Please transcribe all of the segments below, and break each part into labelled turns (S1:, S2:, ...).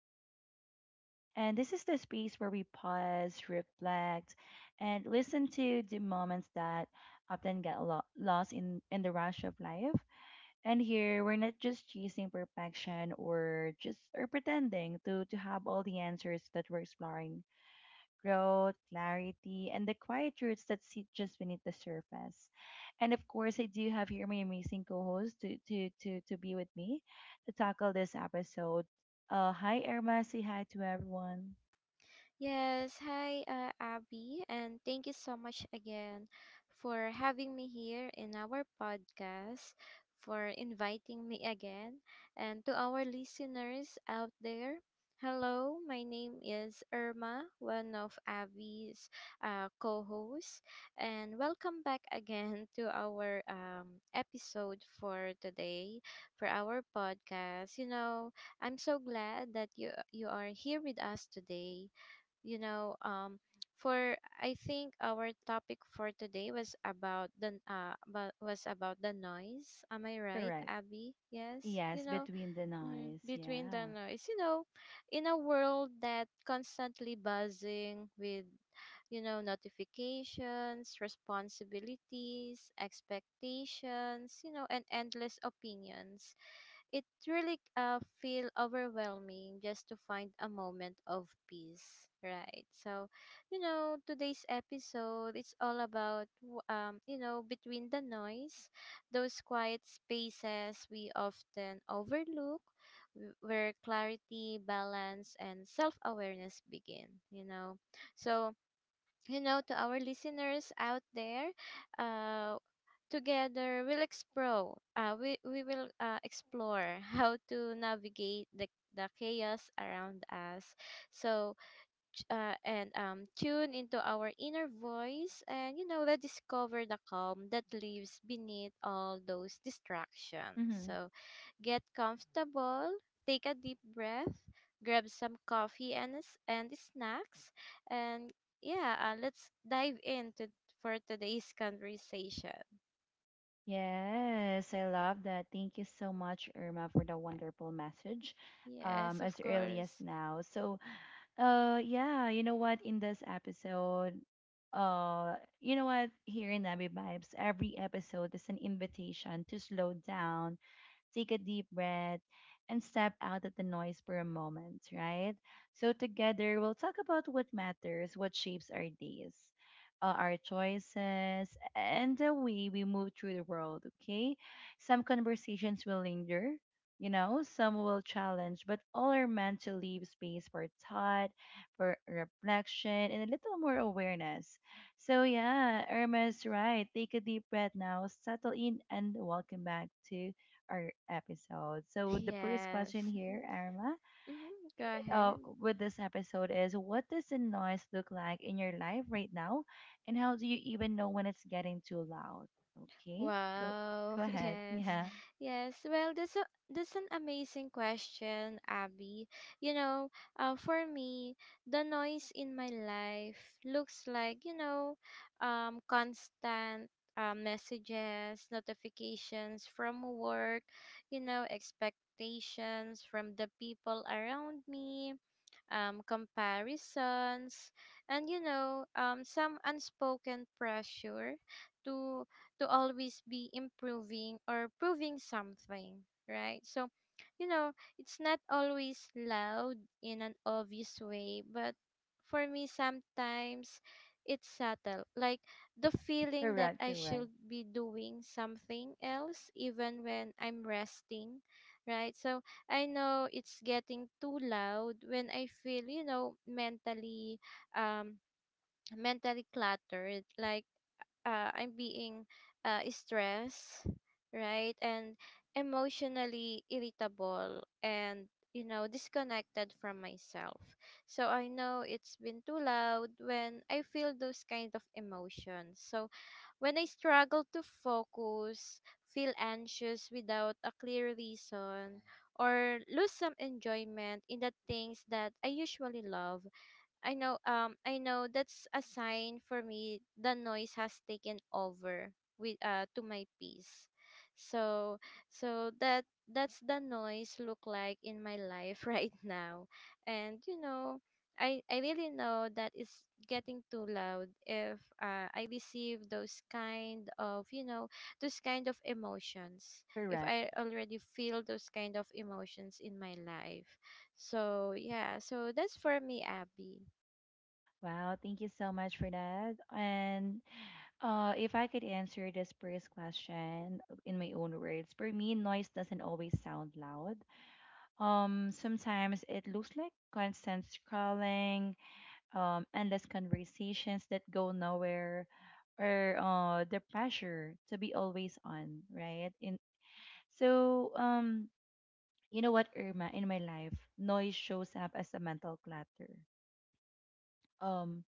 S1: as always. And this is the space where we pause, reflect, and listen to the moments that often get lost in the rush of life. And here, we're not just chasing perfection or just or pretending to have all the answers that we're exploring growth, clarity, and the quiet roots that sit just beneath the surface. And of course, I do have here my amazing co-host to be with me to tackle this episode. Hi Irma, say hi to everyone.
S2: Yes, hi, Abby, and thank you so much again for having me here in our podcast, for inviting me again, and to our listeners out there. Hello, my name is Irma, one of Abby's co hosts, and welcome back again to our episode for today, for our podcast. You know, I'm so glad that you are here with us today you know for I think our topic for today was about the was about the noise, am I right,
S1: Correct.
S2: Abby? yes you
S1: Yes,
S2: know
S1: between the
S2: mm,
S1: noise,
S2: between the
S1: yeah.
S2: noise, you know, in a world that constantly buzzing with, you know, notifications, responsibilities, expectations, you know, and endless opinions, it really feel overwhelming just to find a moment of peace, right? So, you know, today's episode it's all about you know, between the noise, those quiet spaces we often overlook where clarity, balance and self-awareness begin, you know. So, you know, to our listeners out there, uh together, we'll explore. We will explore how to navigate the chaos around us. So, ch- and tune into our inner voice, and you know, let discover the calm that lives beneath all those distractions.
S1: Mm-hmm.
S2: So, get comfortable, take a deep breath, grab some coffee and and snacks, and yeah, let's dive into for today's conversation.
S1: Yes, I love that. Thank you so much, Irma, for the wonderful message
S2: Yes,
S1: as
S2: of
S1: early as
S2: course.
S1: now. So, yeah, you know what? In this episode, you know what? Here in Nabi Vibes, every episode is an invitation to slow down, take a deep breath, and step out of the noise for a moment, right? So, together, we'll talk about what matters, what shapes our days, our choices, and the way we move through the world, okay? Some conversations will linger. You know, some will challenge, but all are meant to leave space for thought, for reflection, and a little more awareness. So yeah, Irma is right. Take a deep breath now, settle in, and welcome back to our episode. So the first
S2: Yes.
S1: question here, Arma,
S2: Mm-hmm. Go ahead.
S1: with this episode is what does the noise look like in your life right now, and how do you even know when it's getting too loud? Okay, go
S2: Wow.
S1: go ahead.
S2: Yes.
S1: Yeah,
S2: Yes. Well, that's an amazing question, Abby. You know, for me, the noise in my life looks like, you know, constant messages, notifications from work, you know, expectations from the people around me, comparisons, and you know, some unspoken pressure to to always be improving or proving something, right? So, you know, it's not always loud in an obvious way, but for me, sometimes it's subtle, like the feeling that
S1: correct,
S2: I
S1: correct,
S2: should be doing something else even when I'm resting, right? So I know it's getting too loud when I feel, you know, um mentally cluttered, like I'm being stressed, right? And emotionally irritable and, you know, disconnected from myself. So I know it's been too loud when I feel those kind of emotions. So when I struggle to focus, feel anxious without a clear reason, or lose some enjoyment in the things that I usually love, I know that's a sign for me the noise has taken over with to my peace. So that's the noise look like in my life right now. And you know, I really know that it's getting too loud if I receive those kind of, you know, those kind of emotions. If
S1: correct.
S2: I already feel those kind of emotions in my life. So yeah, so that's for me, Abby.
S1: Wow, thank you so much for that. And if I could answer this first question in my own words, for me, noise doesn't always sound loud. Sometimes it looks like constant scrolling, endless conversations that go nowhere, or the pressure to be always on, right? In so, you know what, Irma, in my life, noise shows up as a mental clutter, um,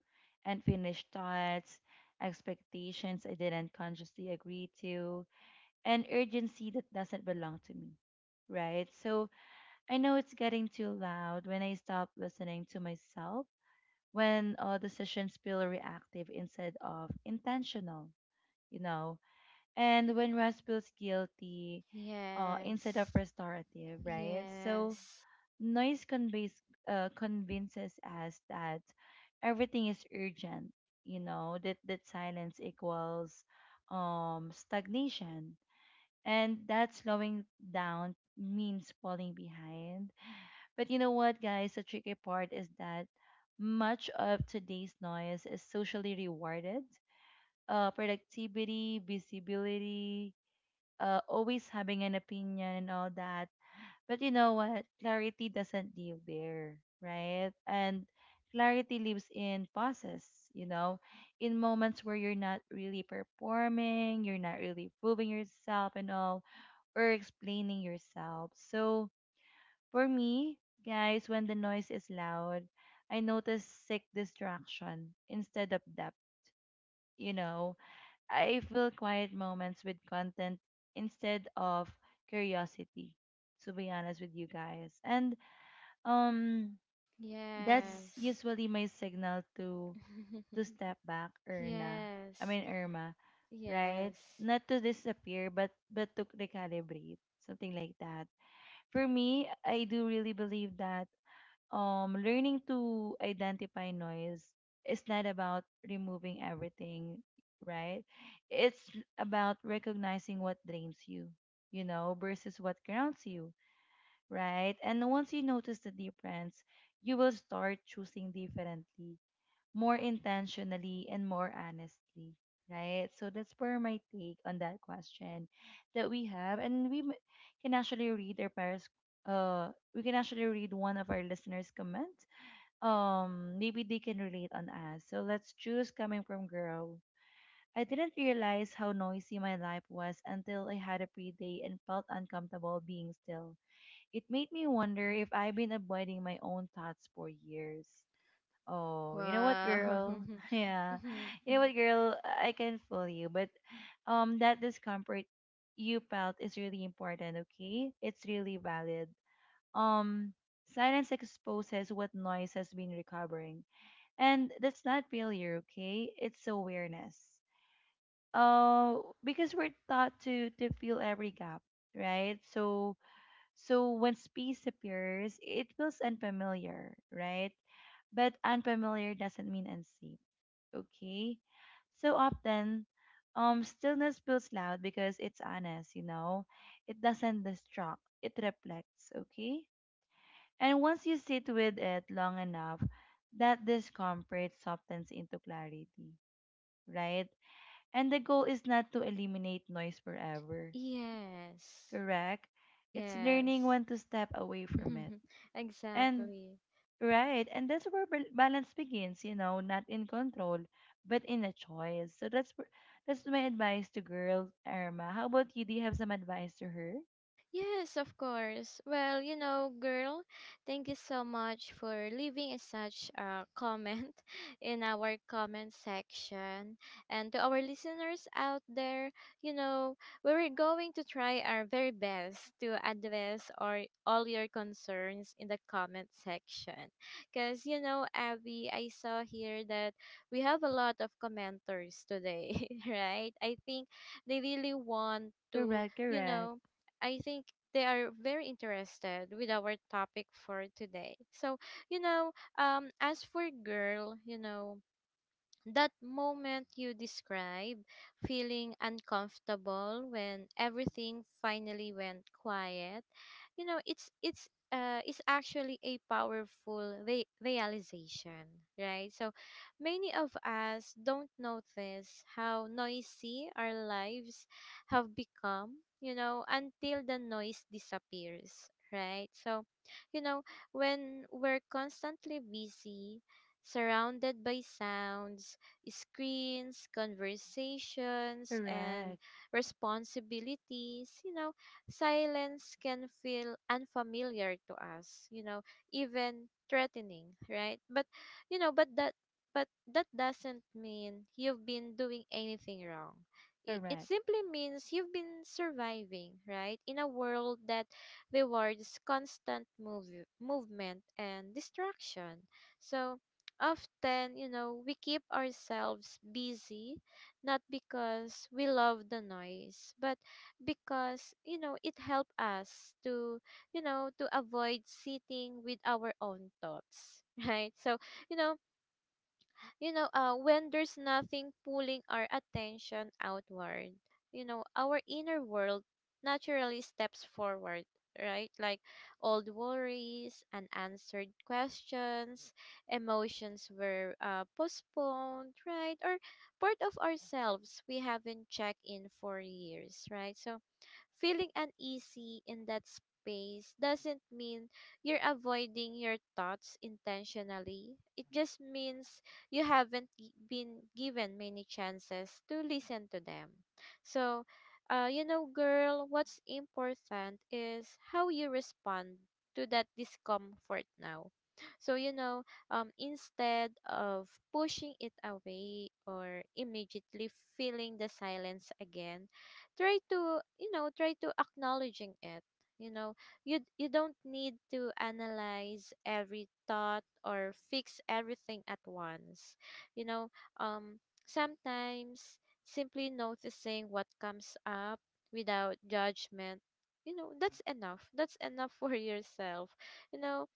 S1: unfinished thoughts, expectations I didn't consciously agree to, and urgency that doesn't belong to me. Right, so I know it's getting too loud when I stop listening to myself, when decisions feel reactive instead of intentional, you know, and when rest feels guilty instead of
S2: Yes.
S1: restorative, right? So
S2: Yes.
S1: noise conveys, convinces us that everything is urgent, you know, that silence equals stagnation. And that slowing down means falling behind. But you know what, guys? The tricky part is that much of today's noise is socially rewarded. Productivity, visibility, always having an opinion and all that. But you know what? Clarity doesn't live there, right? And clarity lives in pauses, you know, in moments where you're not really performing, you're not really proving yourself and all, or explaining yourself. So, for me, guys, when the noise is loud, I notice sick distraction instead of depth. You know, I fill quiet moments with content instead of curiosity, to be honest with you guys. And um that's
S2: Yes.
S1: usually my signal to step back, Erna. I
S2: Yes.
S1: mean Irma, right?
S2: Yes.
S1: Not to disappear but to recalibrate, something like that. For me, I do really believe that learning to identify noise is not about removing everything, right? It's about recognizing what drains you, you know, versus what grounds you, right? And once you notice the difference, you will start choosing differently, more intentionally and more honestly, right? So that's where my take on that question that we have, and can actually read our parents. uh we can actually read one of our listeners comments. Maybe they can relate on us. So let's choose coming from girl. I didn't realize how noisy my life was until I had a pre day and felt uncomfortable being still. It made me wonder if I've been avoiding my own thoughts for years. Oh, you know what,
S2: Wow.
S1: girl? Yeah,
S2: Mhm.
S1: you know what, girl? I can fool you, but that discomfort you felt is really important. Okay, it's really valid. Um, Silence exposes what noise has been recovering, and that's not failure, okay? It's awareness. Because we're taught to fill every gap, right? So so when space appears, it feels unfamiliar, right? But unfamiliar doesn't mean unsafe, okay? So often, stillness feels loud because it's honest, you know. It doesn't distract, it reflects, okay? And once you sit with it long enough, that discomfort softens into clarity, right? And the goal is not to eliminate noise forever,
S2: Yes.
S1: correct? It's learning
S2: Yes.
S1: when to step away from it. And
S2: Exactly.
S1: right, and that's where balance begins, you know, not in control, but in a choice. So that's that's my advice to girls, Irma. How about you? Do you have some advice to her?
S2: Yes, of course. Well, you know, girl, thank you so much for leaving a such a comment in our comment section. And to our listeners out there, you know, we were going to try our very best to address or all your concerns in the comment section. Cause you know, Abby, I saw here that we have a lot of commenters today, right? I think they really want to,
S1: Correct,
S2: you
S1: correct,
S2: know, I think they are very interested with our topic for today. So, you know, as for girl, you know, that moment you describe, feeling uncomfortable when everything finally went quiet, you know, it's is actually a powerful realization, right? So many of us don't notice how noisy our lives have become, you know, until the noise disappears, right? So, you know, when we're constantly busy, surrounded by sounds, screens, conversations, and
S1: correct,
S2: responsibilities, you know, silence can feel unfamiliar to us, you know, even threatening, right? But, you know, but that doesn't mean you've been doing anything wrong. It
S1: correct.
S2: simply means you've been surviving, right? In a world that rewards movement and distraction. So, often, you know, we keep ourselves busy not because we love the noise, but because, you know, it helps us to, you know, to avoid sitting with our own thoughts, right? So, you know, you know, when there's nothing pulling our attention outward, you know, our inner world naturally steps forward, right? Like old worries, unanswered questions, emotions were postponed, right? Or part of ourselves we haven't checked in for years, right? So feeling uneasy in that space doesn't mean you're avoiding your thoughts intentionally. It just means you haven't been given many chances to listen to them. So, you know, girl, what's important is how you respond to that discomfort now. So, you know, instead of pushing it away or immediately feeling the silence again, try to, you know, try to acknowledging it. You know, you don't need to analyze every thought or fix everything at once, you know. um Sometimes simply noticing what comes up without judgment, you know, that's enough for yourself, you know.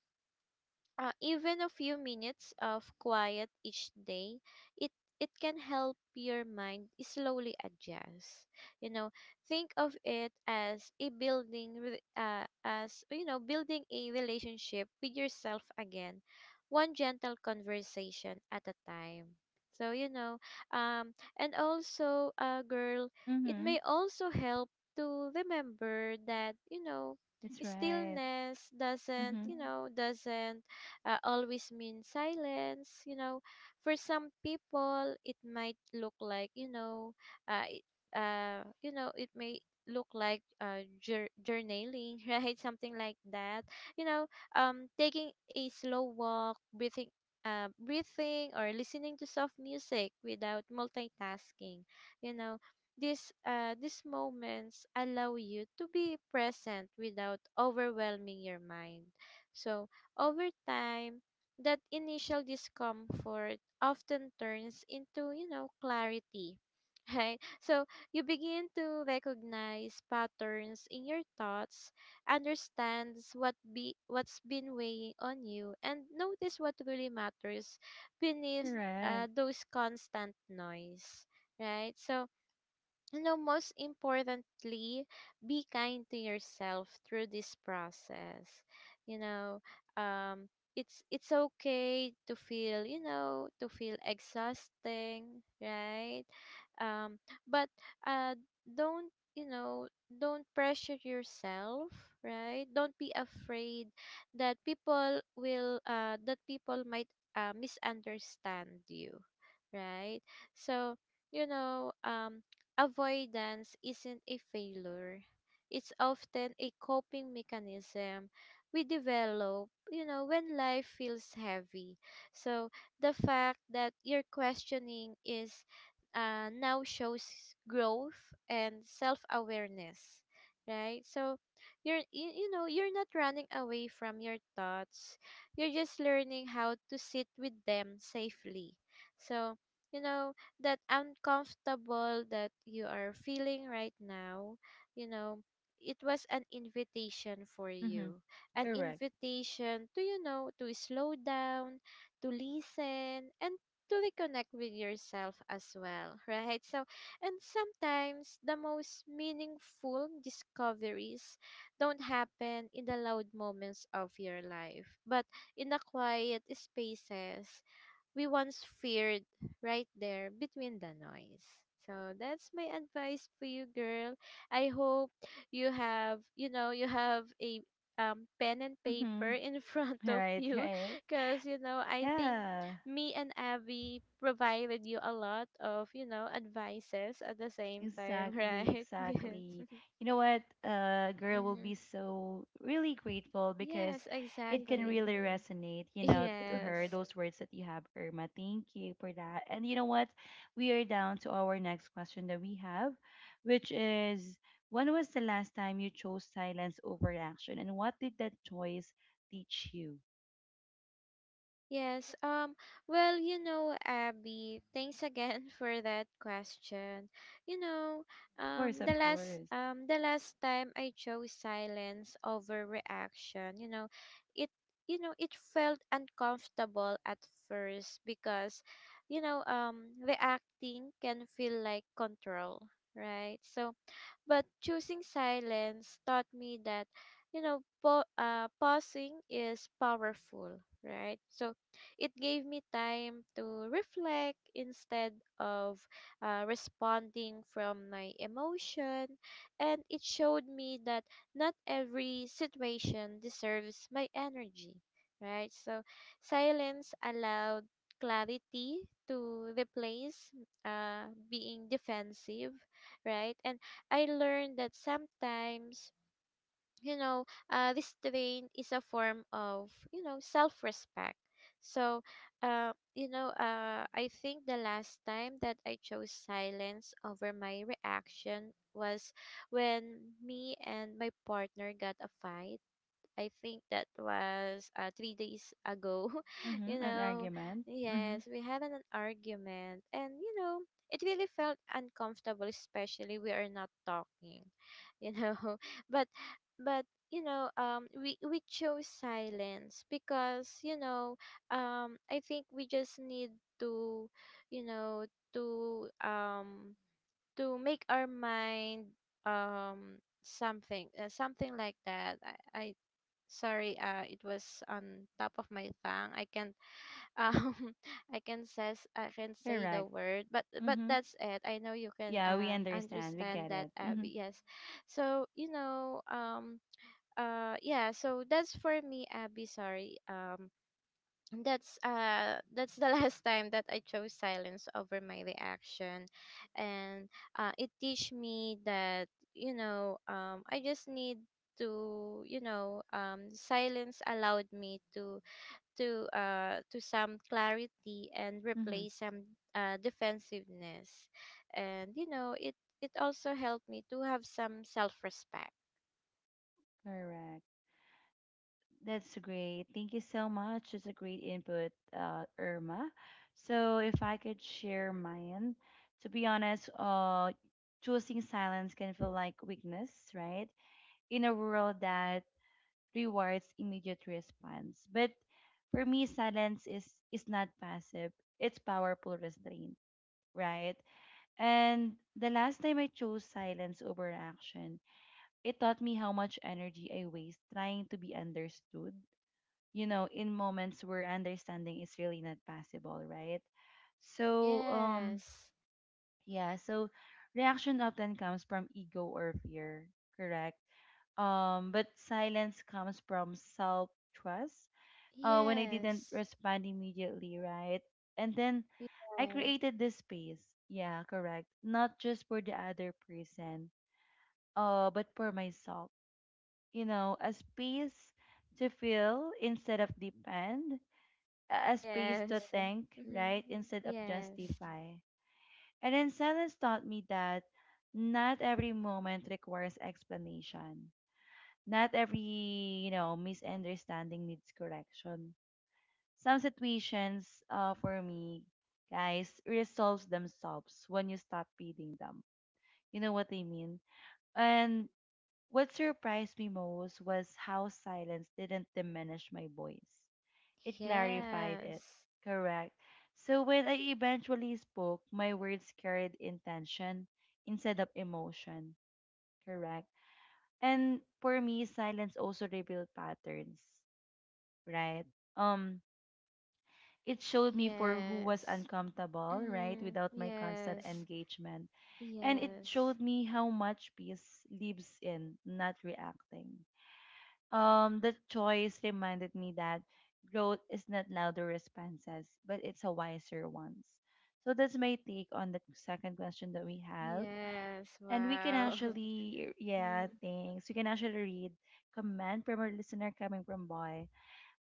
S2: Even a few minutes of quiet each day, it it can help your mind slowly adjust, you know. Think of it as you know, building a relationship with yourself again, one gentle conversation at a time. So you know, um and also girl, it
S1: Mm-hmm.
S2: may also help to remember that, you know,
S1: That's right. Mm-hmm.
S2: doesn't always mean silence. You know, for some people, it might look like, you know, uh, it, you know, it may look like journaling, right? Something like that. You know, taking a slow walk, breathing. Breathing or listening to soft music without multitasking, you know. This These moments allow you to be present without overwhelming your mind. So over time, that initial discomfort often turns into, you know, clarity. Right? So you begin to recognize patterns in your thoughts, understands what's been weighing on you, and notice what really matters beneath
S1: Correct.
S2: those constant noise. Right? So, you know, most importantly, be kind to yourself through this process. You know, um, it's okay to feel, you know, to feel exhausting, right? Um, but uh, don't, you know, don't pressure yourself, right? Don't be afraid that people will that people might misunderstand you, right? So you know, avoidance isn't a failure. It's often a coping mechanism we develop, you know, when life feels heavy. So the fact that your questioning is now shows growth and self-awareness, right? So you know you're not running away from your thoughts. You're just learning how to sit with them safely. So you know, that uncomfortable that you are feeling right now, you know, it was an invitation for
S1: Mm-hmm.
S2: you. An
S1: Correct.
S2: invitation to, you know, to slow down, to listen, and to reconnect with yourself as well, right? So, and sometimes the most meaningful discoveries don't happen in the loud moments of your life, but in the quiet spaces we once feared, right there between the noise. So that's my advice for you, girl. I hope you have, you know, you have a, pen and
S1: Mm-hmm.
S2: paper in front of
S1: Right,
S2: you
S1: right.
S2: because, you know, I think
S1: Yeah.
S2: me and Abby provided you a lot of, you know, advices at the same time,
S1: Exactly,
S2: right? Yes.
S1: exactly. You know what? A girl will
S2: Hmm.
S1: be so really grateful because
S2: Yes,
S1: it can
S2: exactly.
S1: really resonate, you know, to
S2: Yes.
S1: her, those words that you have, Irma. Thank you for that. And you know what? We are down to our next question that we have, which is when was the last time you chose silence over action and what did that choice teach you?
S2: Yes. Well, you know, Abby, thanks again for that question. You know,
S1: Of course, of course.
S2: the last time I chose silence over reaction, it you know, it felt uncomfortable at first because, you know, reacting can feel like control, right? So but choosing silence taught me that, you know, pausing is powerful, right? So it gave me time to reflect instead of responding from my emotion. And it showed me that not every situation deserves my energy, right? So silence allowed clarity to replace uh, being defensive, right? And I learned that sometimes, you know, restraint is a form of, you know, self respect. So, I think the last time that I chose silence over my reaction was when me and my partner got a fight. I think that was 3 days ago. You
S1: Mm-hmm, an
S2: know,
S1: argument. Mm-hmm,
S2: yes, we had an argument, and you know, it really felt uncomfortable, especially we are not talking, you know. but, but you know, we chose silence because you know, I think we just need to, you know, to um to make our mind, um something, something like that. I Sorry, it was on top of my tongue. I can't, um, I can says I can say the
S1: correct.
S2: word, but
S1: Mm-hmm.
S2: that's it. I know you can
S1: Yeah, we understand. We
S2: understand
S1: get
S2: that,
S1: it. Mm-hmm.
S2: Abby. Yes. So, yeah. So that's for me, Abby. Sorry, that's the last time that I chose silence over my reaction, and it teach me that, I just need to, silence allowed me to some clarity and
S1: Mm-hmm.
S2: replace some defensiveness. And it also helped me to have some self-respect.
S1: Correct. That's great. Thank you so much. It's a great input, Irma. So if I could share mine, to be honest, choosing silence can feel like weakness, right? In a world that rewards immediate response. But for me, silence is not passive. It's powerful restraint, right? And the last time I chose silence over action, it taught me how much energy I waste trying to be understood, you know, in moments where understanding is really not possible, right? So,
S2: Yes.
S1: yeah, so reaction often comes from ego or fear, correct? But silence comes from self trust. When I didn't
S2: Yes.
S1: respond immediately, right? And then I
S2: Yes.
S1: created this space. Yeah, correct. Not just for the other person, but for myself. You know, a space to feel instead of depend, a space to
S2: Yes.
S1: think,
S2: Mm-hmm.
S1: right, instead of
S2: Yes.
S1: justify. And then silence taught me that not every moment requires explanation. Not every, you know, misunderstanding needs correction. Some situations, for me, guys, resolves themselves when you stop feeding them. You know what I mean? And what surprised me most was how silence didn't diminish my voice. It clarified it.
S2: Yes.
S1: Correct. So when I eventually spoke, my words carried intention instead of emotion. Correct. And for me, silence also revealed patterns, right? Um, it showed me for who was
S2: Yes.
S1: uncomfortable, right,
S2: Mm-hmm.
S1: without my constant
S2: Yes.
S1: engagement. And it
S2: Yes.
S1: showed me how much peace lives in not reacting. The choice reminded me that growth is not louder responses, but it's a wiser ones. So that's my take on the second question that we have.
S2: Yes.
S1: And we can
S2: Wow.
S1: actually,
S2: Mhm.
S1: yeah, thanks. We can actually read comment from our listener coming from Boy.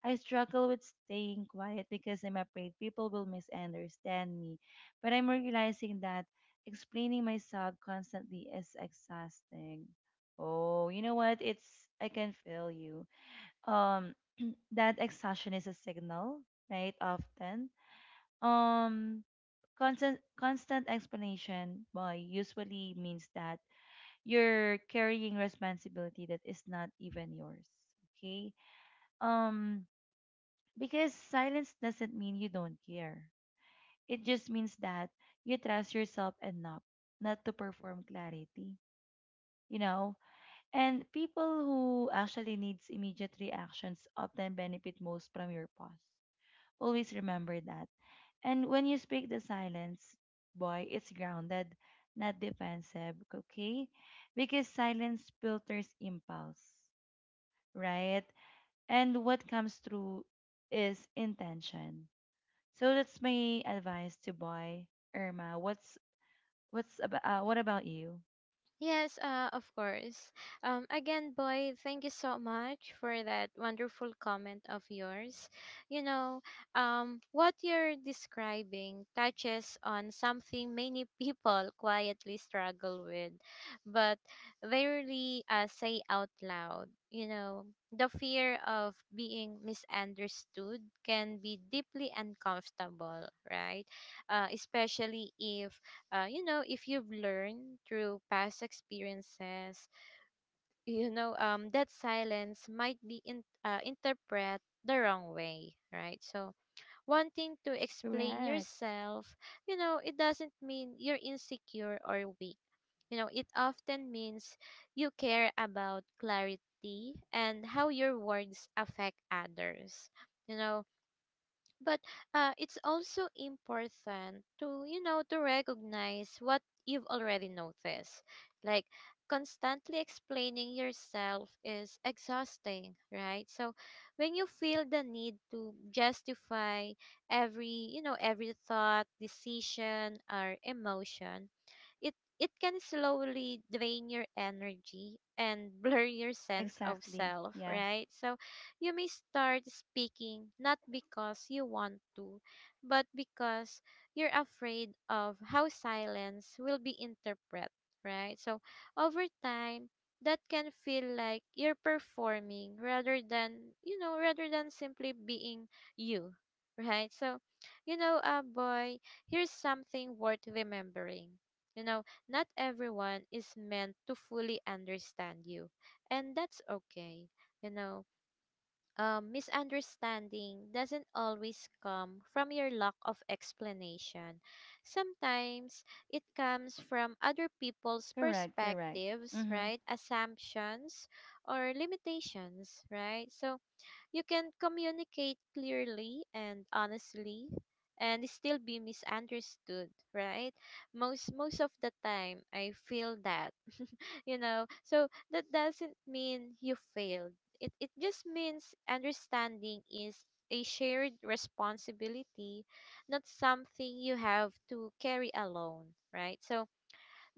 S1: I struggle with staying quiet because I'm afraid people will misunderstand me. But I'm realizing that explaining myself constantly is exhausting. Oh, you know what? It's I can feel you. um that exhaustion is a signal, right? Often um constant explanation well usually means that you're carrying responsibility that is not even yours, okay? um because silence doesn't mean you don't care, it just means that you trust yourself enough not to perform clarity, you know. And people who actually needs immediate reactions often benefit most from your pause. Always remember that. And when you speak the silence, boy, it's grounded, not defensive, okay? Because silence filters impulse, right? And what comes through is intention. So that's my advice to boy. Irma. What's about what about you?
S2: Yes, of course. Again, boy, thank you so much for that wonderful comment of yours. You know, what you're describing touches on something many people quietly struggle with, but they rarely say out loud. The fear of being misunderstood can be deeply uncomfortable, right? Especially if, if you've learned through past experiences, that silence might be, interpreted the wrong way, right? So, wanting to explain
S1: Correct.
S2: yourself, it doesn't mean you're insecure or weak. It often means you care about clarity and how your words affect others. You know, but it's also important, to recognize what you've already noticed, like constantly explaining yourself is exhausting, right? So when you feel the need to justify every, every thought, decision, or emotion, it it can slowly drain your energy and blur your sense of
S1: Exactly.
S2: self,
S1: Yeah.
S2: right? So you may start speaking not because you want to, but because you're afraid of how silence will be interpreted, right? So over time, that can feel like you're performing rather than simply being you, right? So, boy, here's something worth remembering. You know, not everyone is meant to fully understand you, and that's okay. You know, misunderstanding doesn't always come from your lack of explanation. Sometimes it comes from other people's
S1: Correct. Correct.
S2: perspectives,
S1: Mhm.
S2: right? Assumptions or limitations, right? So you can communicate clearly and honestly and still be misunderstood, right? Most of the time I feel that. So that doesn't mean you failed. It just means understanding is a shared responsibility, not something you have to carry alone, right? So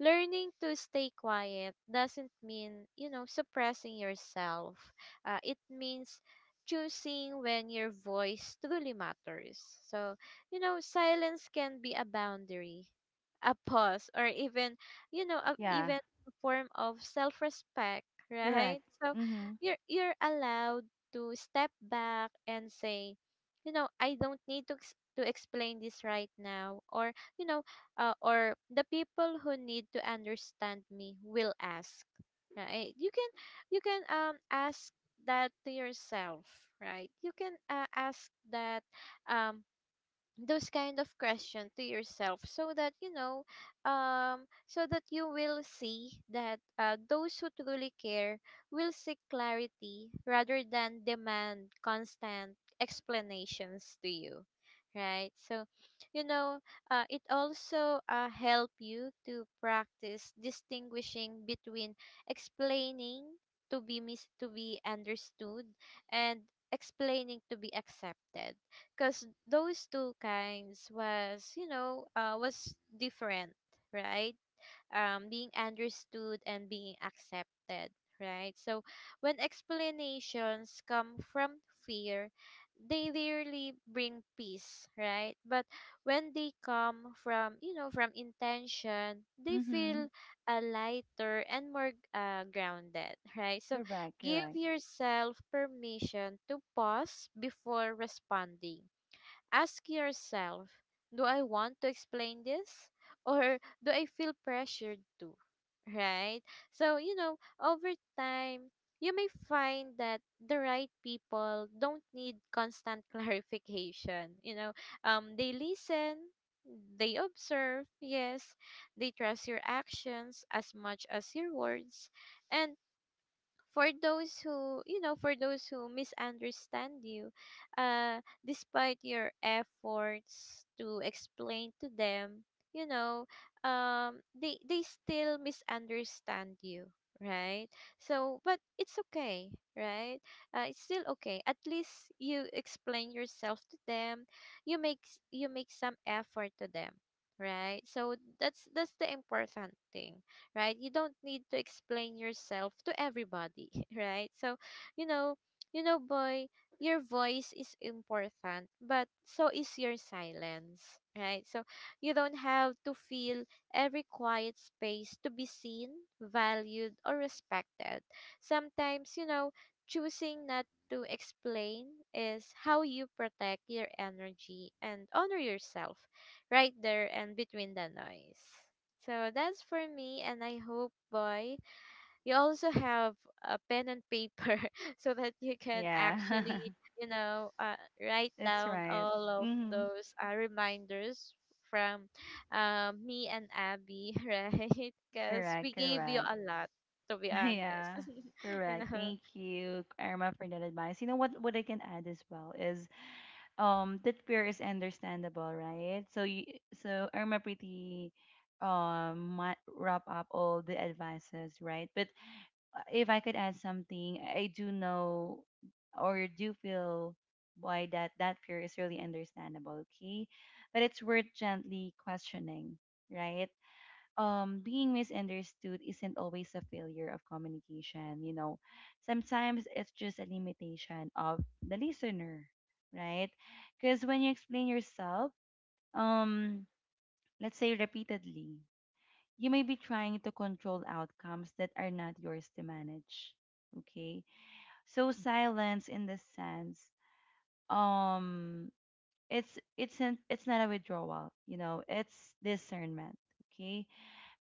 S2: learning to stay quiet doesn't mean, suppressing yourself. It means choosing when your voice truly matters. So, silence can be a boundary, a pause, or even,
S1: Yeah.
S2: even a form of self-respect, right?
S1: Correct.
S2: So,
S1: Mhm.
S2: you're allowed to step back and say, I don't need to explain this right now, or, you know, or the people who need to understand me will ask, right? You can ask that to yourself, right? You can ask, that um those kind of question to yourself, so that, so that you will see that, those who truly care will seek clarity rather than demand constant explanations to you, right? So, you know it also, help you to practice distinguishing between explaining to be, to be understood, and explaining to be accepted, because those two kinds was, different right? Being understood and being accepted, right? So when explanations come from fear, they rarely bring peace, right? But when they come, from you know from intention, they
S1: Mhm.
S2: feel a lighter and more, grounded, right? So
S1: Correct.
S2: give
S1: Correct.
S2: yourself permission to pause before responding. Ask yourself, do I want to explain this? Or do I feel pressured to? Right? So, over time, you may find that the right people don't need constant clarification. They listen, they observe, yes, they trust your actions as much as your words. And for those, who you know for those who misunderstand you, uh despite your efforts to explain to them, you know they still misunderstand you, right? So, but it's okay, right? It's still okay. At least you explain yourself to them. You make some effort to them, right? So that's the important thing, right? You don't need to explain yourself to everybody, right? So, you know, boy, your voice is important, but so is your silence, right? So you don't have to feel every quiet space to be seen, valued, or respected. Sometimes, choosing not to explain is how you protect your energy and honor yourself, right there and between the noise. So that's for me, and I hope, boy, you also have a pen and paper so that you can
S1: Yeah.
S2: actually, you know, uh, write
S1: That's
S2: down
S1: right.
S2: all of
S1: Mm-hmm.
S2: those, reminders from, me and Abby, right? Because we
S1: Correct,
S2: gave you
S1: correct.
S2: a lot, to be honest.
S1: yeah,
S2: You
S1: correct.
S2: know?
S1: Thank you, Irma, for that advice. You know what? What I can add as well is that fear is understandable, right? So you, so Irma pretty might wrap up all the advices, right? But if I could add something, I do know or do feel why that fear is really understandable, okay? But it's worth gently questioning, right? Being misunderstood isn't always a failure of communication, you know, sometimes it's just a limitation of the listener, right? Because when you explain yourself, um let's say repeatedly, you may be trying to control outcomes that are not yours to manage, okay? So silence in this sense, um it's not a withdrawal, you know, it's discernment, okay?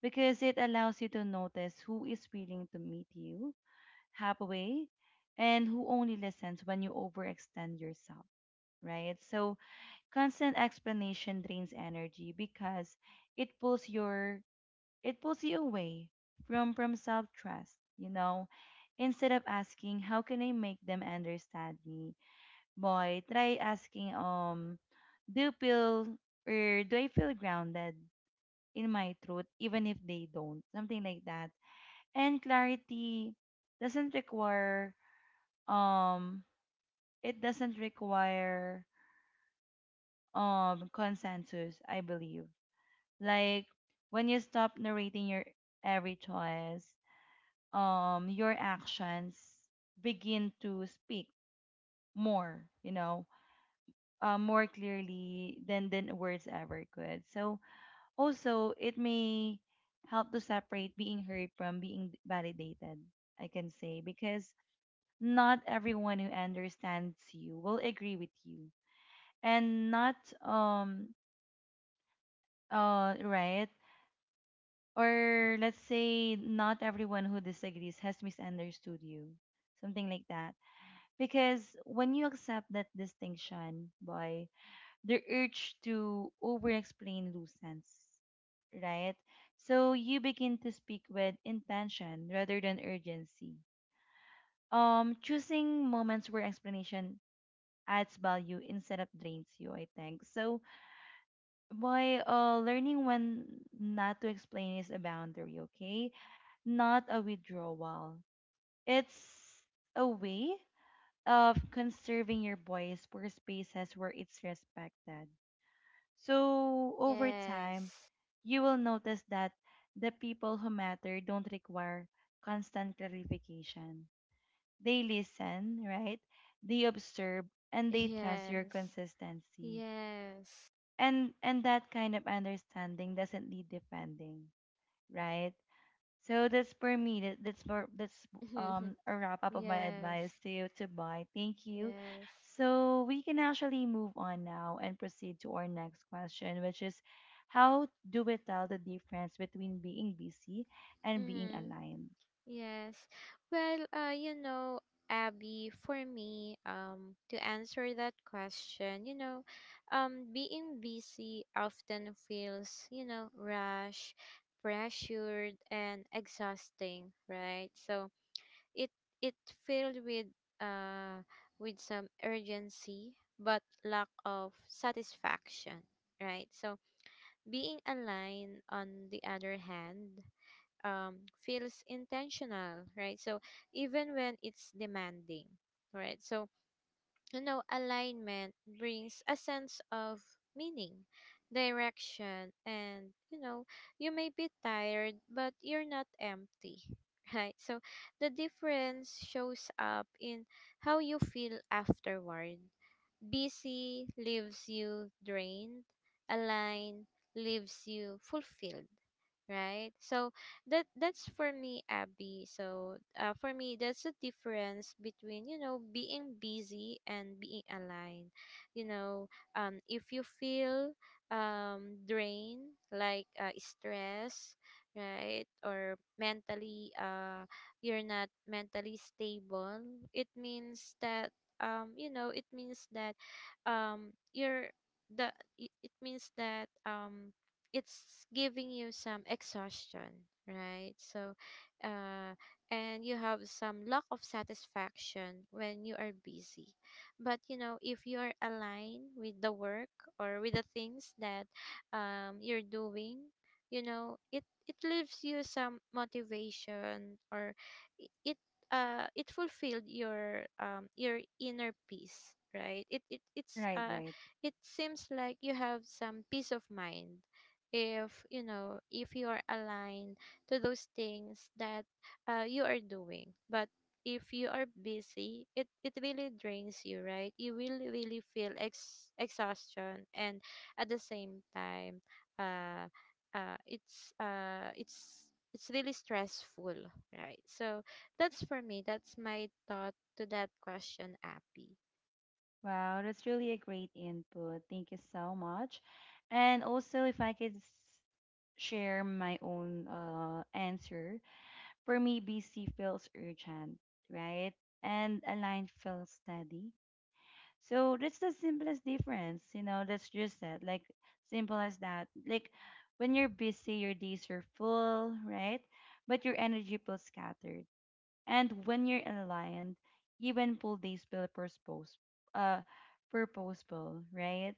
S1: Because it allows you to notice who is willing to meet you halfway and who only listens when you overextend yourself, right? So constant explanation drains energy because it pulls your it pulls you away from self-trust, you know. Instead of asking how can I make them understand me, boy, try asking do you feel or do I feel grounded in my truth even if they don't? Something like that. And clarity doesn't require um it doesn't require consensus, I believe. Like, when you stop narrating your every choice, your actions begin to speak more, you know, more clearly than words ever could. So also it may help to separate being heard from being validated, I can say, because not everyone who understands you will agree with you. And not um uh right or let's say not everyone who disagrees has misunderstood you, something like that. Because when you accept that distinction, by the urge to over explain loosens, right? So you begin to speak with intention rather than urgency, choosing moments where explanation adds value instead of drains you, I think. So why learning when not to explain is a boundary, okay? Not a withdrawal. It's a way of conserving your voice for spaces where it's respected. So over time,
S2: Yes.
S1: you will notice that the people who matter don't require constant clarification. They listen, right? They observe and they trust your
S2: Yes.
S1: consistency.
S2: Yes.
S1: And that kind of understanding doesn't need defending, right? So that's for me. That's a wrap up of my
S2: Yes.
S1: advice to you. To buy, thank you.
S2: Yes.
S1: So we can actually move on now and proceed to our next question, which is how do we tell the difference between being busy and being
S2: Mm-hmm.
S1: aligned?
S2: Yes. Well, Abby, for me, to answer that question, being busy often feels, rush, pressured, and exhausting, right? So it it filled, uh with some urgency, but lack of satisfaction, right? So being aligned, on the other hand, um, feels intentional, right? So even when it's demanding, right? So, alignment brings a sense of meaning, direction, and, you may be tired, but you're not empty, right? So the difference shows up in how you feel afterward. Busy leaves you drained, aligned leaves you fulfilled, right? So that's for me, Abby. So, for me, that's the difference between, being busy and being aligned. You know, if you feel, drained, like, stress, right? Or mentally, you're not mentally stable. It means that, um you know it means that um you're the it means that it's giving you some exhaustion, right? So, uh and you have some lack of satisfaction when you are busy. But, if you are aligned with the work or with the things that, you're doing, it leaves you some motivation, or, i- it it fulfilled your inner peace, right? it it it's
S1: Right,
S2: uh
S1: right.
S2: it seems like you have some peace of mind, if you are aligned to those things that, you are doing. But if you are busy, it really drains you, right? You will really feel, exhaustion. And at the same time, uh it's really stressful, right? So that's for me. That's my thought to that question, Appy.
S1: Wow, that's really a great input, thank you so much. And also if I could share my own answer. For me, BC feels urgent, right? And align feels steady. So that's the simplest difference, you know, that's just that. Like, simple as that. Like, when you're busy, your days are full, right? But your energy feels scattered. And when you're aligned, even full days feel purpose, uh, purposeful, right?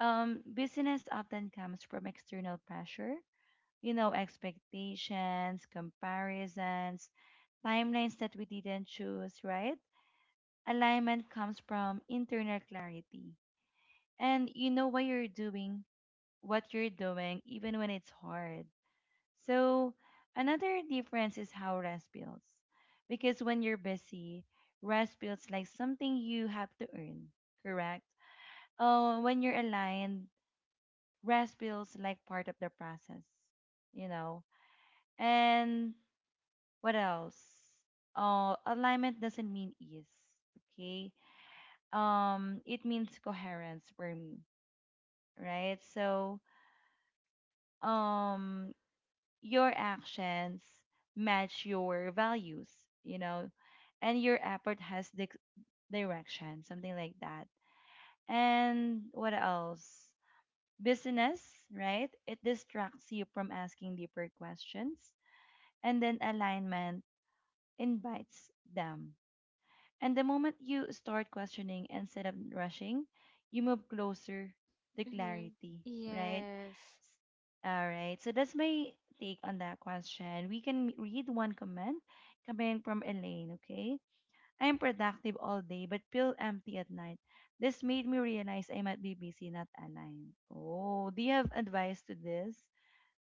S1: Busyness often comes from external pressure, you know, expectations, comparisons, timelines that we didn't choose, right? Alignment comes from internal clarity. And you know why you're doing what you're doing, even when it's hard. So another difference is how rest builds. Because when you're busy, rest builds like something you have to earn, correct? Oh, when you're aligned, rest feels like part of the process, you know? And what else? Alignment doesn't mean ease. Okay. It means coherence for me, right? So, um, your actions match your values, you know, and your effort has direction, something like that. And what else? Business, right? It distracts you from asking deeper questions, and then alignment invites them. And the moment you start questioning instead of rushing, you move closer to
S2: Mm-hmm.
S1: clarity, right?
S2: Yes.
S1: S- All right. So that's my take on that question. We can read one comment coming from Elaine, okay? I am productive all day but feel empty at night. This made me realize I might be busy, not aligned. Oh, do you have advice to this,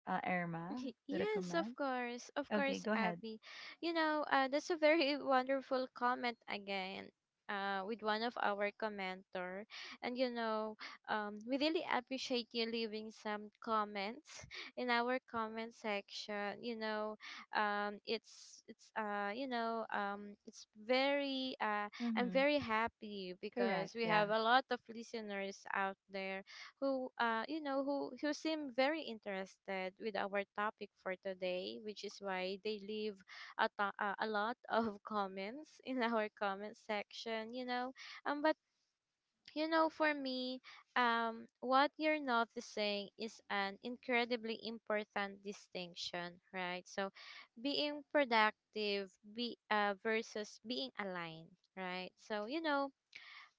S1: Irma, to the
S2: Yes, of
S1: comment?
S2: course. Of
S1: Okay,
S2: course,
S1: go ahead.
S2: Abby. That's a very wonderful comment again. With one of our commenter. And, we really appreciate you leaving some comments in our comment section. It's it's very I'm
S1: Mm-hmm.
S2: very happy because
S1: Correct.
S2: we
S1: Yeah.
S2: have a lot of listeners out there who, who seem very interested with our topic for today, which is why they leave, a lot of comments in our comment section. But, for me, what you're noticing is an incredibly important distinction, right? So being productive, be versus being aligned, right? So, you know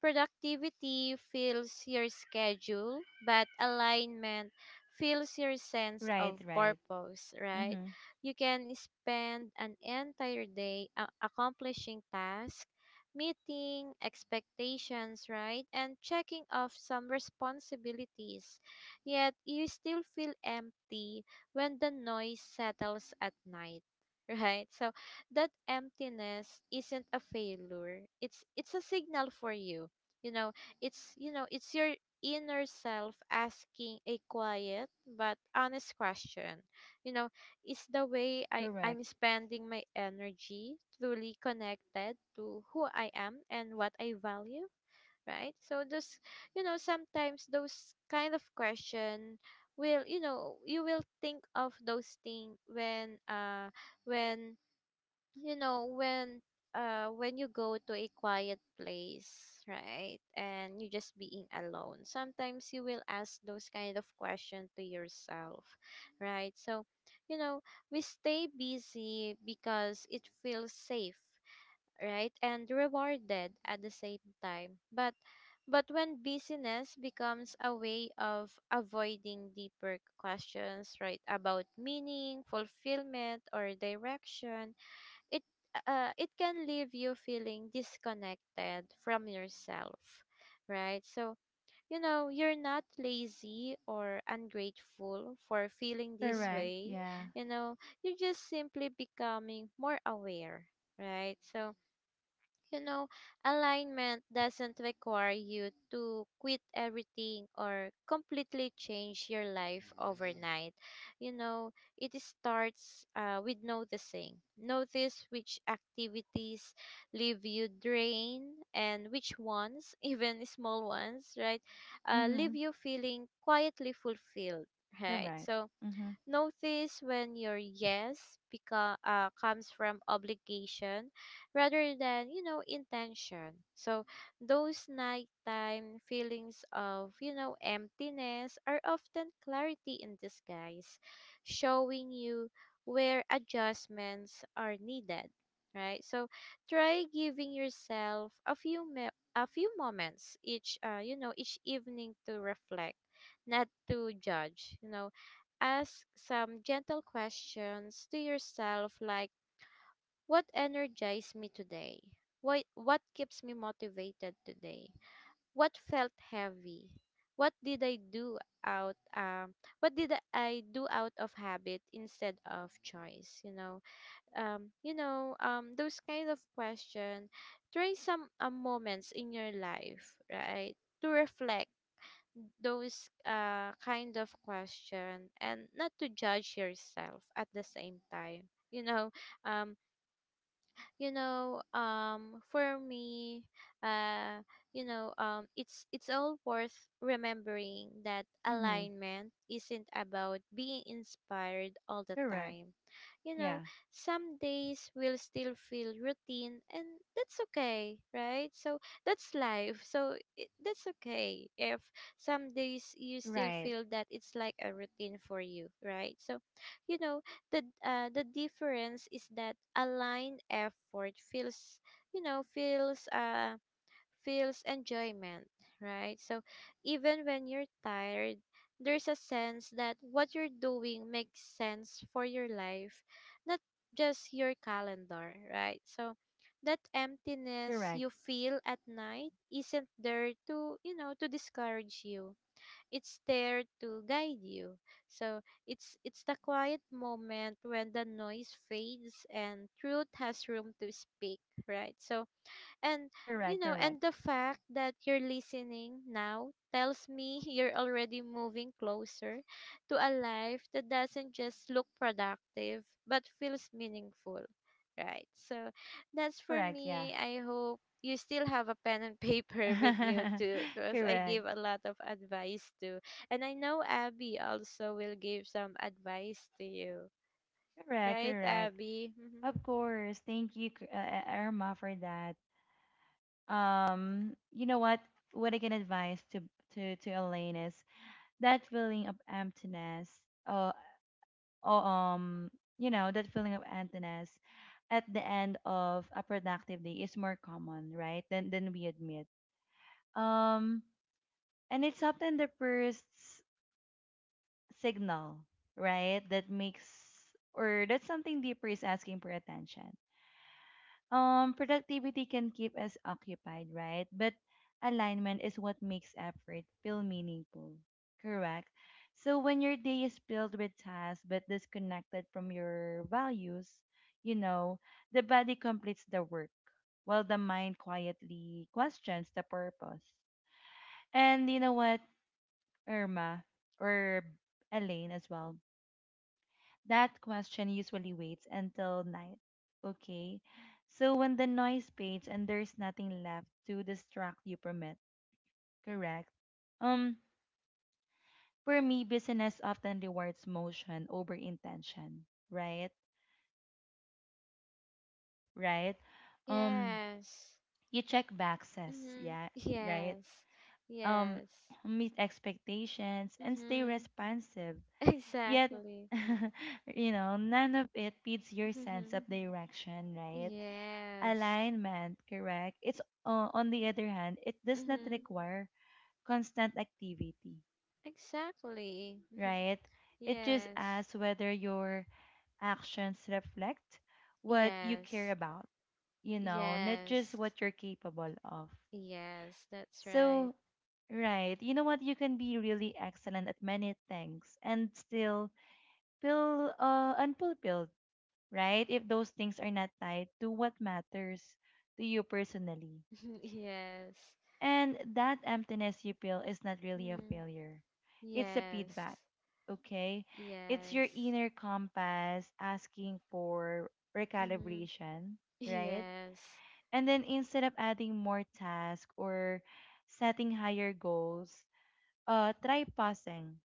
S2: Productivity fills your schedule, but alignment fills your sense
S1: Right,
S2: of
S1: right.
S2: purpose, right?
S1: Mm-hmm.
S2: You can spend an entire day, accomplishing tasks, meeting expectations, right? And checking off some responsibilities. Yet you still feel empty when the noise settles at night. Right? So that emptiness isn't a failure. It's a signal for you. You know it's you know it's your inner self asking a quiet but honest question. you know is the way i
S1: Correct.
S2: i'm spending my energy truly connected to who I am and what I value? Right? So those you know sometimes those kind of question will, you will think of those things, when you know when when you go to a quiet place, right? And you just being alone, sometimes you will ask those kind of questions to yourself, right? So, you know we stay busy because it feels safe, right, and rewarded at the same time. But when busyness becomes a way of avoiding deeper questions, right, about meaning, fulfillment, or direction, it it can leave you feeling disconnected from yourself, right? So, you're not lazy or ungrateful for feeling this
S1: Correct.
S2: way.
S1: Yeah.
S2: you know you're just simply becoming more aware, right? So, you know, alignment doesn't require you to quit everything or completely change your life overnight. You know, it starts, with noticing. Notice which activities leave you drained and which ones, even small ones, right,
S1: Mm-hmm.
S2: leave you feeling quietly fulfilled, right?
S1: Correct.
S2: So,
S1: Mm-hmm.
S2: notice when your yes, comes from obligation rather than, intention. So those nighttime feelings of, emptiness are often clarity in disguise, showing you where adjustments are needed, right? So try giving yourself a few moments each you know each evening to reflect, not to judge. Ask some gentle questions to yourself like, what energized me today? Why, what keeps me motivated today? What felt heavy? What did I do out um what did I do out of habit instead of choice? Those kind of questions. Try some moments in your life, right? To reflect those kind of question and not to judge yourself at the same time you know um for me, uh it's all worth remembering that
S1: Mm-hmm.
S2: alignment isn't about being inspired all the
S1: Correct.
S2: time you know
S1: Yeah.
S2: some days will still feel routine, and that's okay, right? So that's life. So that's okay if some days you still
S1: Right.
S2: feel that it's like a routine for you, right? So you know the difference is that aligned effort feels, you know feels uh feels enjoyment, right? So even when you're tired, there's a sense that what you're doing makes sense for your life, not just your calendar, right? So that emptiness
S1: Correct.
S2: you feel at night isn't there to, to discourage you. It's there to guide you. So it's the quiet moment when the noise fades and truth has room to speak, right? So and
S1: Correct. Correct.
S2: and the fact that you're listening now tells me you're already moving closer to a life that doesn't just look productive but feels meaningful, right? So that's for
S1: Correct. Yeah.
S2: me. I hope you still have a pen and paper with you too, because I
S1: Correct.
S2: gave a lot of advice too. And I know Abby also will give some advice to you,
S1: Correct.
S2: right
S1: Correct.
S2: Abby? Hmm.
S1: Of course. Thank you, Irma, for that. You know what? What I can advise to Elaine is that feeling of emptiness. Uh, or You know, that feeling of emptiness at the end of a productive day is more common, right, than we admit. Um, and it's often the first signal, right, that makes or that something deeper is asking for attention. Productivity can keep us occupied, right? But alignment is what makes effort feel meaningful, correct? So when your day is filled with tasks but disconnected from your values, you know, the body completes the work while the mind quietly questions the purpose. And you know what, Irma or Elaine as well, that question usually waits until night. Okay. So when the noise fades and there's nothing left to distract you from it, correct? Um, for me, business often rewards motion over intention, right? Right? Um,
S2: Yes.
S1: you check boxes,
S2: Mm-hmm.
S1: yeah, right?
S2: Yes.
S1: Um,
S2: Yes.
S1: meet expectations and stay
S2: Mm-hmm.
S1: responsive. Yet,
S2: Exactly.
S1: you know, none of it feeds your
S2: Mm-hmm.
S1: sense of direction, right?
S2: Yes.
S1: Alignment, correct. It's, on the other hand, it does not
S2: Mm-hmm.
S1: require constant activity,
S2: Exactly. Mm-hmm.
S1: right? It just
S2: Yes.
S1: asks whether your actions reflect what you care
S2: Yes.
S1: about, you know, not
S2: Yes.
S1: just what you're capable of.
S2: Yes. That's right.
S1: So, right, you know what? You can be really excellent at many things and still feel unfulfilled, right? If those things are not tied to what matters to you personally.
S2: Yes.
S1: And that emptiness you feel is not really a
S2: Mm.
S1: failure. It's a feedback,
S2: Yes.
S1: okay? It's your
S2: Yes.
S1: inner compass asking for
S2: Mm-hmm.
S1: recalibration, right?
S2: Yes.
S1: And then instead of adding more tasks or setting higher goals, try pausing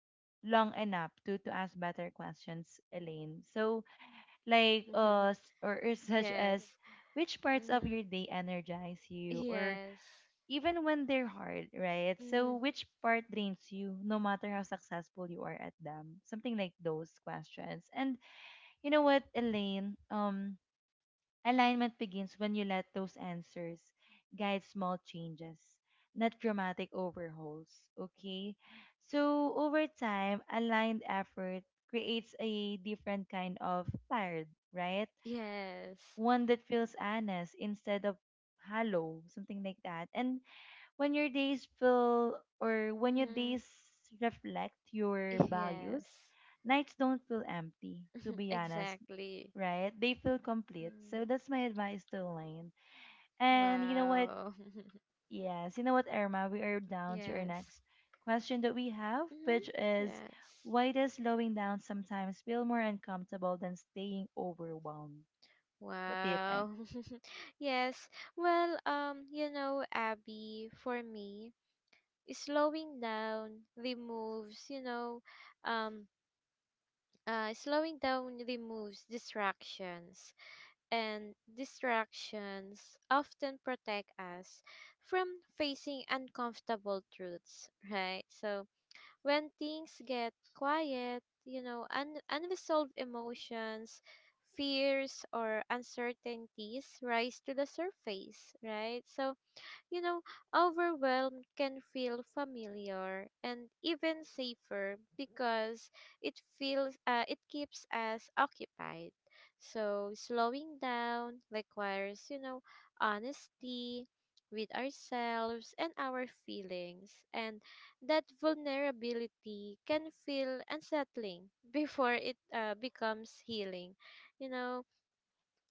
S1: long enough to, ask better questions, Elaine. So, like, s- or such
S2: Yes.
S1: as, which parts of
S2: Mm-hmm.
S1: your day energize you, or
S2: Yes.
S1: even when they're hard, right? So
S2: Mm-hmm.
S1: which part drains you no matter how successful you are at them? Something like those questions. And you know what, Elaine, alignment begins when you let those answers guide small changes, not dramatic overhauls, okay? So over time, aligned effort creates a different kind of tired, right?
S2: Yes.
S1: One that feels honest instead of hollow, something like that. And when your
S2: Mm-hmm.
S1: days reflect your
S2: Yes,
S1: values, nights don't feel empty, to be honest,
S2: exactly.
S1: right? They feel complete. So
S2: Mm.
S1: that's my advice to Elaine. And you know what?
S2: Wow.
S1: Yes, you know what, Irma? We are down to our
S2: Yes.
S1: next question that we have,
S2: Mm-hmm.
S1: which is
S2: Yes.
S1: why does slowing down sometimes feel more uncomfortable than staying overwhelmed? What do you think?
S2: Wow. Yes. Well, you know, Abby, for me, slowing down removes, um, slowing down removes distractions, and distractions often protect us from facing uncomfortable truths, right? So when things get quiet, you know, unresolved emotions, fears, or uncertainties rise to the surface, right? So you know, overwhelm can feel familiar and even safer because it feels it keeps us occupied. So slowing down requires, you know, honesty with ourselves and our feelings, and that vulnerability can feel unsettling before it becomes healing, you know.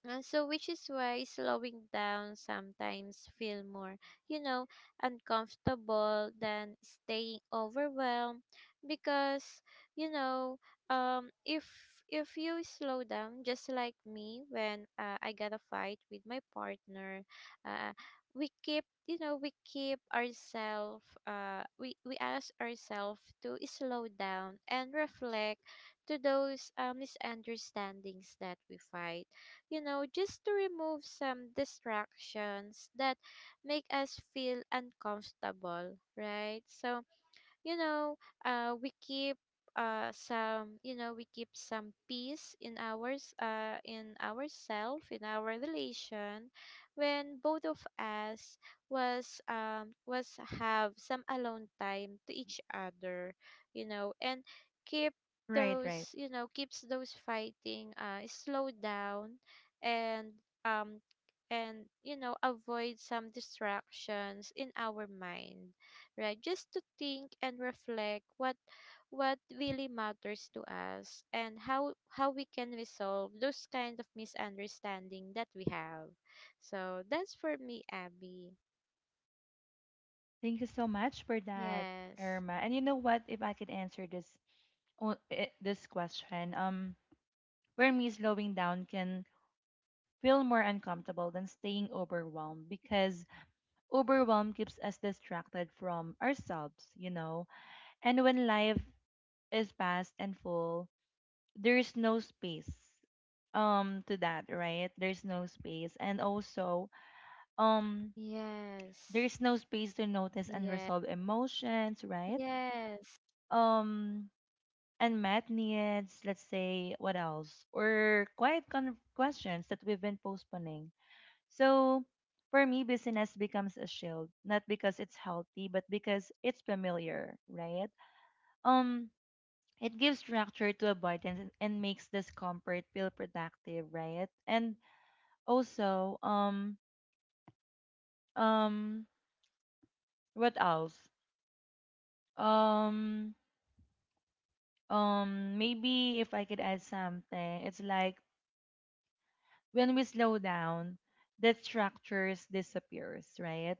S2: And so, which is why slowing down sometimes feel more, you know, uncomfortable than staying overwhelmed, because you know, if you slow down, just like me when I got a fight with my partner, uh, we keep, you know, we keep ourselves, we ask ourselves to slow down and reflect to those misunderstandings that we fight, you know, just to remove some distractions that make us feel uncomfortable, right? So, you know, we keep some you know we keep some peace in ours in ourself, in our relation, when both of us was have some alone time to each other, you know, and keep
S1: Right, right.
S2: those you know keeps those fighting slow down, and um and you know avoid some distractions in our mind, right? Just to think and reflect what really matters to us, and how we can resolve those kind of misunderstanding that we have. So that's for me, Abby.
S1: Thank you so much for that,
S2: Yes.
S1: Irma. And you know what? If I could answer this this question, where me, slowing down can feel more uncomfortable than staying overwhelmed because overwhelm keeps us distracted from ourselves, you know. And when life is fast and full, there is no space to that right there's no space. And also, um
S2: Yes.
S1: there's no space to notice
S2: Yes.
S1: unresolved emotions, right?
S2: Yes.
S1: um And math needs, let's say, what else? Or quiet questions that we've been postponing. So for me, busyness becomes a shield, not because it's healthy, but because it's familiar, right? Um, it gives structure to avoidance and, makes discomfort feel productive, right? And also, um, what else? Um, maybe if I could add something, it's like when we slow down, that structures disappears, right?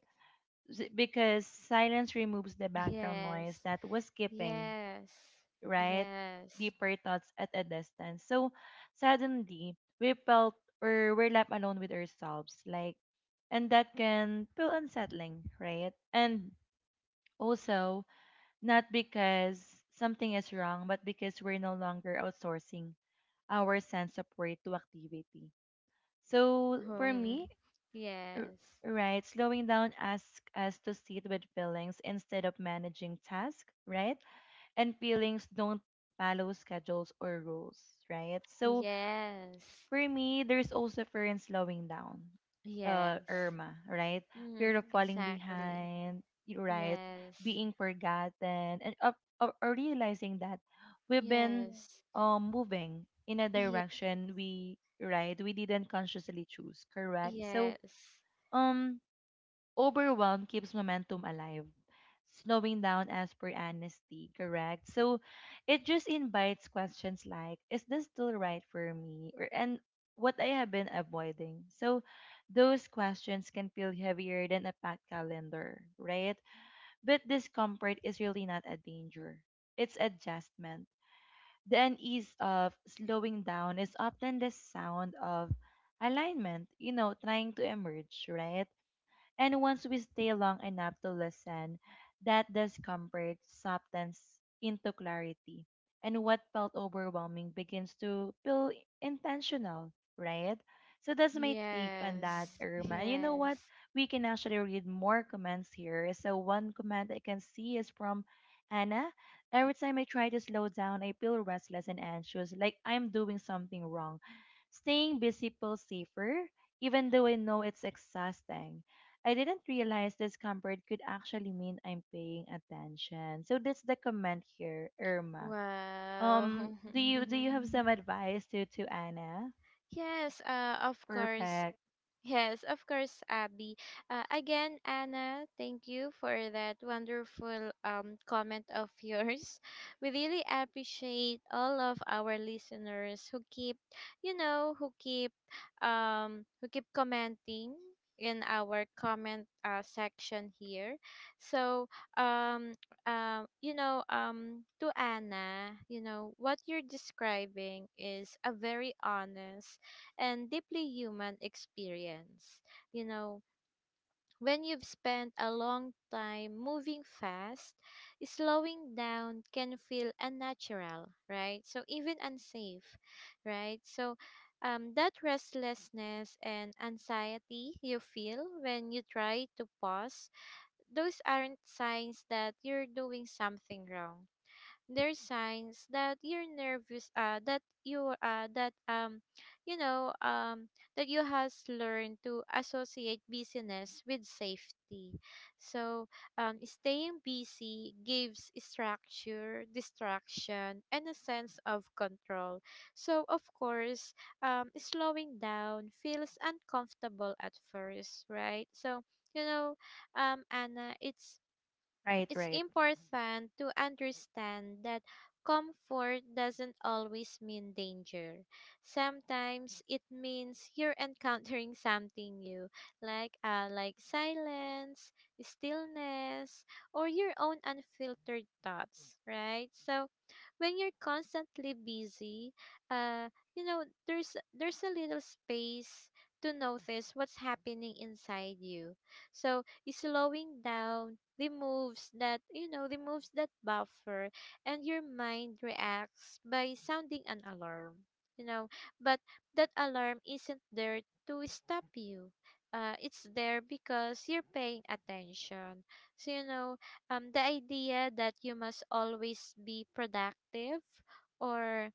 S1: Because silence removes the background noise
S2: Yes.
S1: that was skipping,
S2: Yes.
S1: right?
S2: Yes.
S1: Deeper thoughts at a distance. So suddenly we felt or we're left alone with ourselves, like, and that can feel unsettling, right? And also, not because something is wrong, but because we're no longer outsourcing our sense of worth to activity. So for me,
S2: Hmm.
S1: R-
S2: Yes.
S1: right, slowing down asks us to sit with feelings instead of managing tasks, right? And feelings don't follow schedules or rules, right? So
S2: Yes.
S1: for me, there's also fear in slowing down,
S2: Yes.
S1: Irma, right?
S2: Mm,
S1: Fear of falling
S2: exactly.
S1: behind, right?
S2: Yes.
S1: Being forgotten, and of, or realizing that we've been
S2: Yes.
S1: moving in a
S2: Ye-
S1: direction we didn't consciously choose, correct? So
S2: yes.
S1: um overwhelm keeps momentum alive. Slowing down as per amnesty, correct? So it just invites questions like, is this still right for me? Or and what I have been avoiding. So those questions can feel heavier than a packed calendar, right? But discomfort is really not a danger. It's adjustment. The unease of slowing down is often the sound of alignment, you know, trying to emerge, right? And once we stay long enough to listen, that discomfort softens into clarity. And what felt overwhelming begins to feel intentional, right? So that's my take on that,
S2: Yes.
S1: Irma. And you know
S2: Yes.
S1: what? We can actually read more comments here. So one comment I can see is from Anna. Every time I try to slow down, I feel restless and anxious, like I'm doing something wrong. Staying busy feels safer, even though I know it's exhausting. I didn't realize discomfort could actually mean I'm paying attention. So that's the comment here, Irma.
S2: Wow.
S1: Do you have some advice to Anna?
S2: Yes, of course.
S1: Perfect.
S2: Yes, of course, Abby. Again, Anna, thank you for that wonderful comment of yours. We really appreciate all of our listeners who keep, you know, who keep commenting in our comment section here. So, um, you know, to Anna, you know, what you're describing is a very honest and deeply human experience. You know, when you've spent a long time moving fast, slowing down can feel unnatural, right? So even unsafe, right? So that restlessness and anxiety you feel when you try to pause, those aren't signs that you're doing something wrong. There's signs that you're nervous, that you know that you has learned to associate busyness with safety. So staying busy gives structure, distraction, and a sense of control. So of course, slowing down feels uncomfortable at first, right? So you know, Anna, it's
S1: Right, right.
S2: important to understand that comfort doesn't always mean danger. Sometimes it means you're encountering something new, like silence, stillness, or your own unfiltered thoughts, right? So when you're constantly busy, you know, there's a little space to notice what's happening inside you. So is slowing down removes that, removes that buffer, and your mind reacts by sounding an alarm, you know. But that alarm isn't there to stop you. It's there because you're paying attention. So you know, the idea that you must always be productive or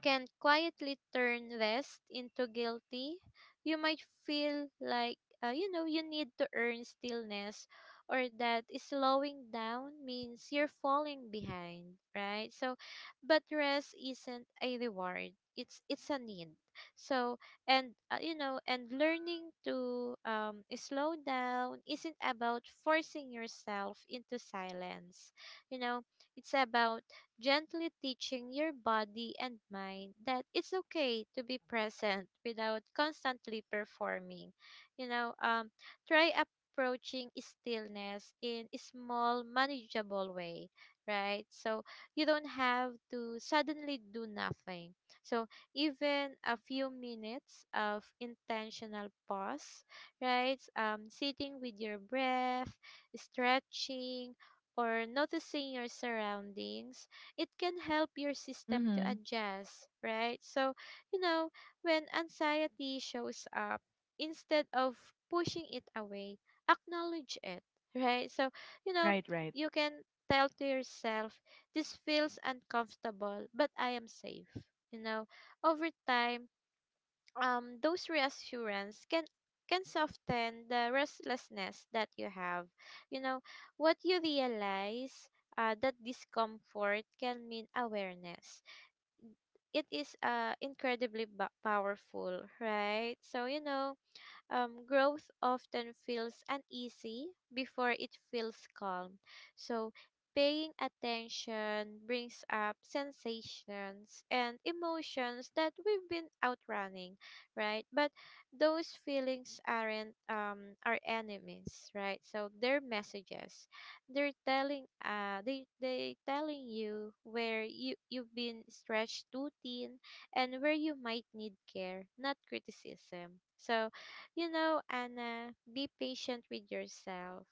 S2: can quietly turn rest into guilty. You might feel like, you know, you need to earn stillness or that slowing down means you're falling behind, right? So, but rest isn't a reward. It's a need. So, and you know, and learning to slow down isn't about forcing yourself into silence. You know, it's about gently teaching your body and mind that it's okay to be present without constantly performing. You know, try approaching stillness in a small, manageable way, right? So you don't have to suddenly do nothing. So even a few minutes of intentional pause, right? Sitting with your breath, stretching, or noticing your surroundings, it can help your system to
S1: Mhm.
S2: adjust, right? So, you know, when anxiety shows up, instead of pushing it away, acknowledge it, right? So, you know,
S1: Right, right.
S2: you can tell to yourself, this feels uncomfortable, but I am safe. You know, over time, those reassurance can soften the restlessness that you have. You know, what you realize, that discomfort can mean awareness. It is powerful, right? So, you know, growth often feels uneasy before it feels calm. So, paying attention brings up sensations and emotions that we've been outrunning, right? But those feelings aren't our enemies, right? So, they're messages. They telling you where you've been stretched too thin, and where you might need care, not criticism. So you know, Anna, be patient with yourself.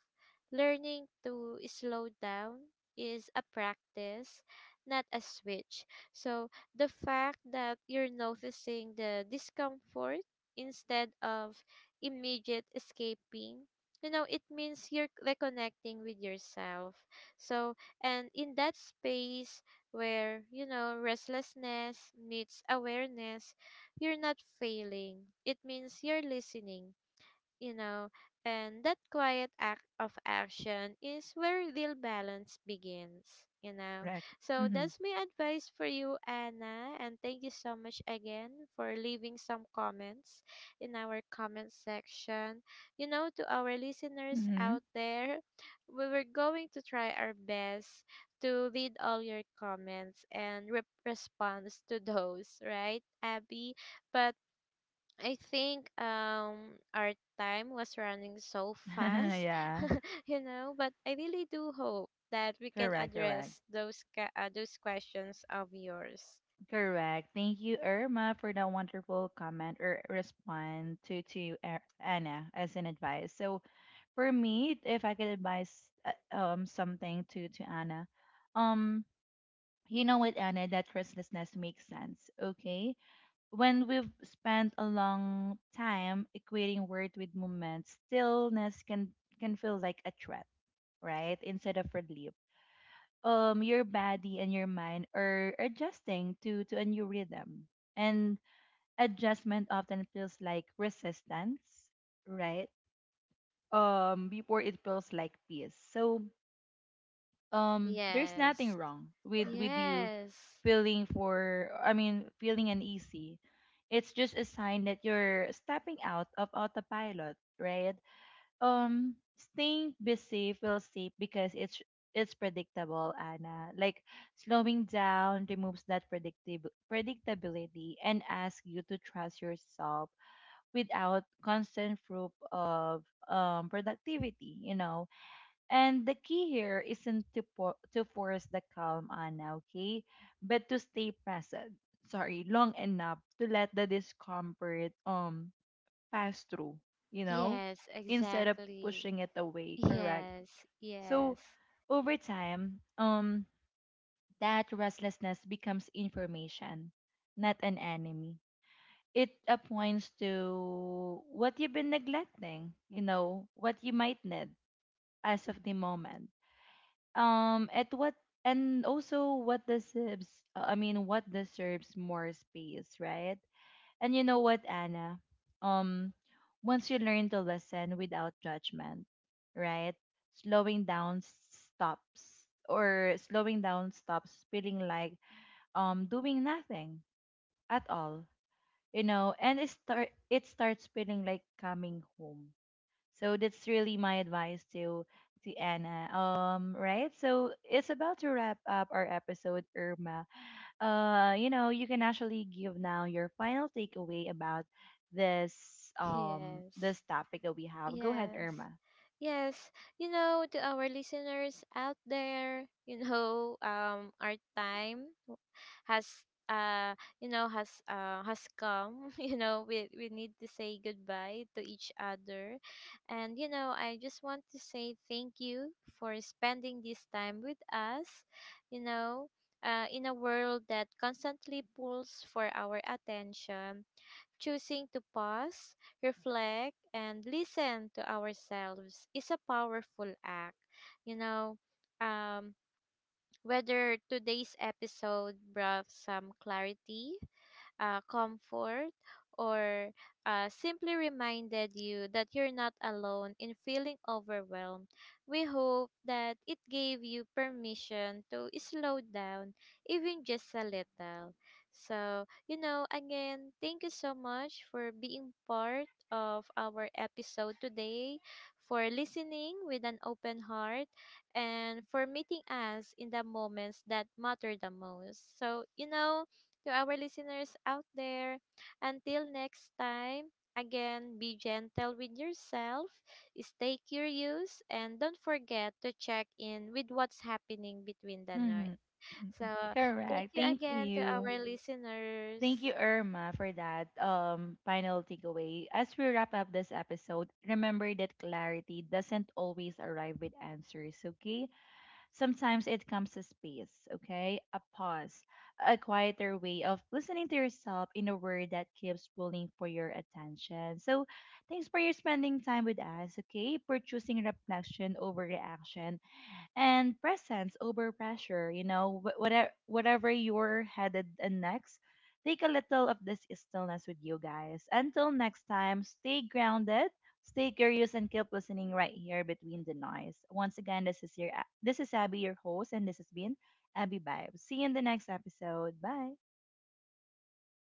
S2: Learning to slow down is a practice, not a switch. So, the fact that you're noticing the discomfort instead of immediate escaping, you know, it means you're reconnecting with yourself. So, and in that space where, you know, restlessness meets awareness, you're not failing. It means you're listening, you know, and that quiet act of action is where real balance begins, you know.
S1: Correct.
S2: So
S1: Mhm.
S2: that's my advice for you, Anna, and thank you so much again for leaving some comments in our comment section. You know, to our listeners
S1: Mm-hmm.
S2: out there, we were going to try our best to read all your comments and response to those, right, Abby? But I think our time was running so fast,
S1: Yeah.
S2: you know, but I really do hope that we can
S1: Correct, correct.
S2: address those those questions of yours.
S1: Correct. Thank you, Irma, for that wonderful comment or response to Anna as an advice. So for me, if I could advise something to Anna, um you know what, Anna? That restlessness makes sense, okay? When we've spent a long time equating worth with movement, stillness can feel like a threat, right? Instead of relief. Your body and your mind are adjusting to a new rhythm, and adjustment often feels like resistance, right? Before it feels like peace. So there's nothing
S2: Yes.
S1: wrong with you
S2: Yes.
S1: feeling for I mean feeling uneasy. It's just a sign that you're stepping out of autopilot, right? Um, staying busy feels safe because it's predictable, Anna. Like, slowing down removes that predictable predictability and asks you to trust yourself without constant proof of productivity, you know. And the key here isn't to force the calm, Anna, okay? But to stay present. Sorry, long enough to let the discomfort pass through, you know,
S2: Yes,
S1: instead of
S2: exactly.
S1: pushing it away, correct?
S2: Yes.
S1: So
S2: Yes.
S1: over time, that restlessness becomes information, not an enemy. It points to what you've been neglecting, you know, what you might need as of the moment. At what and also what deserves what deserves more space, right? And you know what, Anna? Um, once you learn to listen without judgment, right? Slowing down stops feeling like doing nothing at all. You know, and it starts feeling like coming home. So that's really my advice to Anna. Right. So it's about to wrap up our episode, Irma. You know, you can actually give now your final takeaway about this this
S2: Yes.
S1: topic that we have. Go ahead,
S2: Yes.
S1: Irma.
S2: Yes. You know, to our listeners out there, you know, our has has come. You know, we need to say goodbye to each other, and you know I just want to say thank you for spending this time with us, you know. In a world that constantly pulls for our attention, choosing to pause, reflect, and listen to ourselves is a powerful act. You know, um, whether today's episode brought some clarity, comfort, or simply reminded you that you're not alone in feeling overwhelmed, we hope that it gave you permission to slow down, even just a little. So, you know, again, thank you so much for being part of our episode today, for listening with an open heart, and for meeting us in the moments that matter the most. So, you know, to our listeners out there. Until next time, again, be gentle with yourself, stay curious, and don't forget to check in with what's happening between the night.
S1: Mm-hmm.
S2: So, thank
S1: Correct.
S2: you
S1: Thank
S2: again to
S1: you.
S2: our listeners.
S1: Thank you, Irma, for that final takeaway. As we wrap up this episode, remember that clarity doesn't always arrive with answers, okay? Sometimes it comes a space, okay? A pause, a quieter way of listening to yourself in a word that keeps pulling for your attention. So, thanks for your spending time with us, okay? For choosing reflection over reaction and presence over pressure. You know, whatever you're headed and next, take a little of this stillness with you guys. Until next time, stay grounded, stay curious, and keep listening right here between the noise. Once again, this is your this is Abby, your host, and this has been Abby Vibes. See you in the next episode. Bye.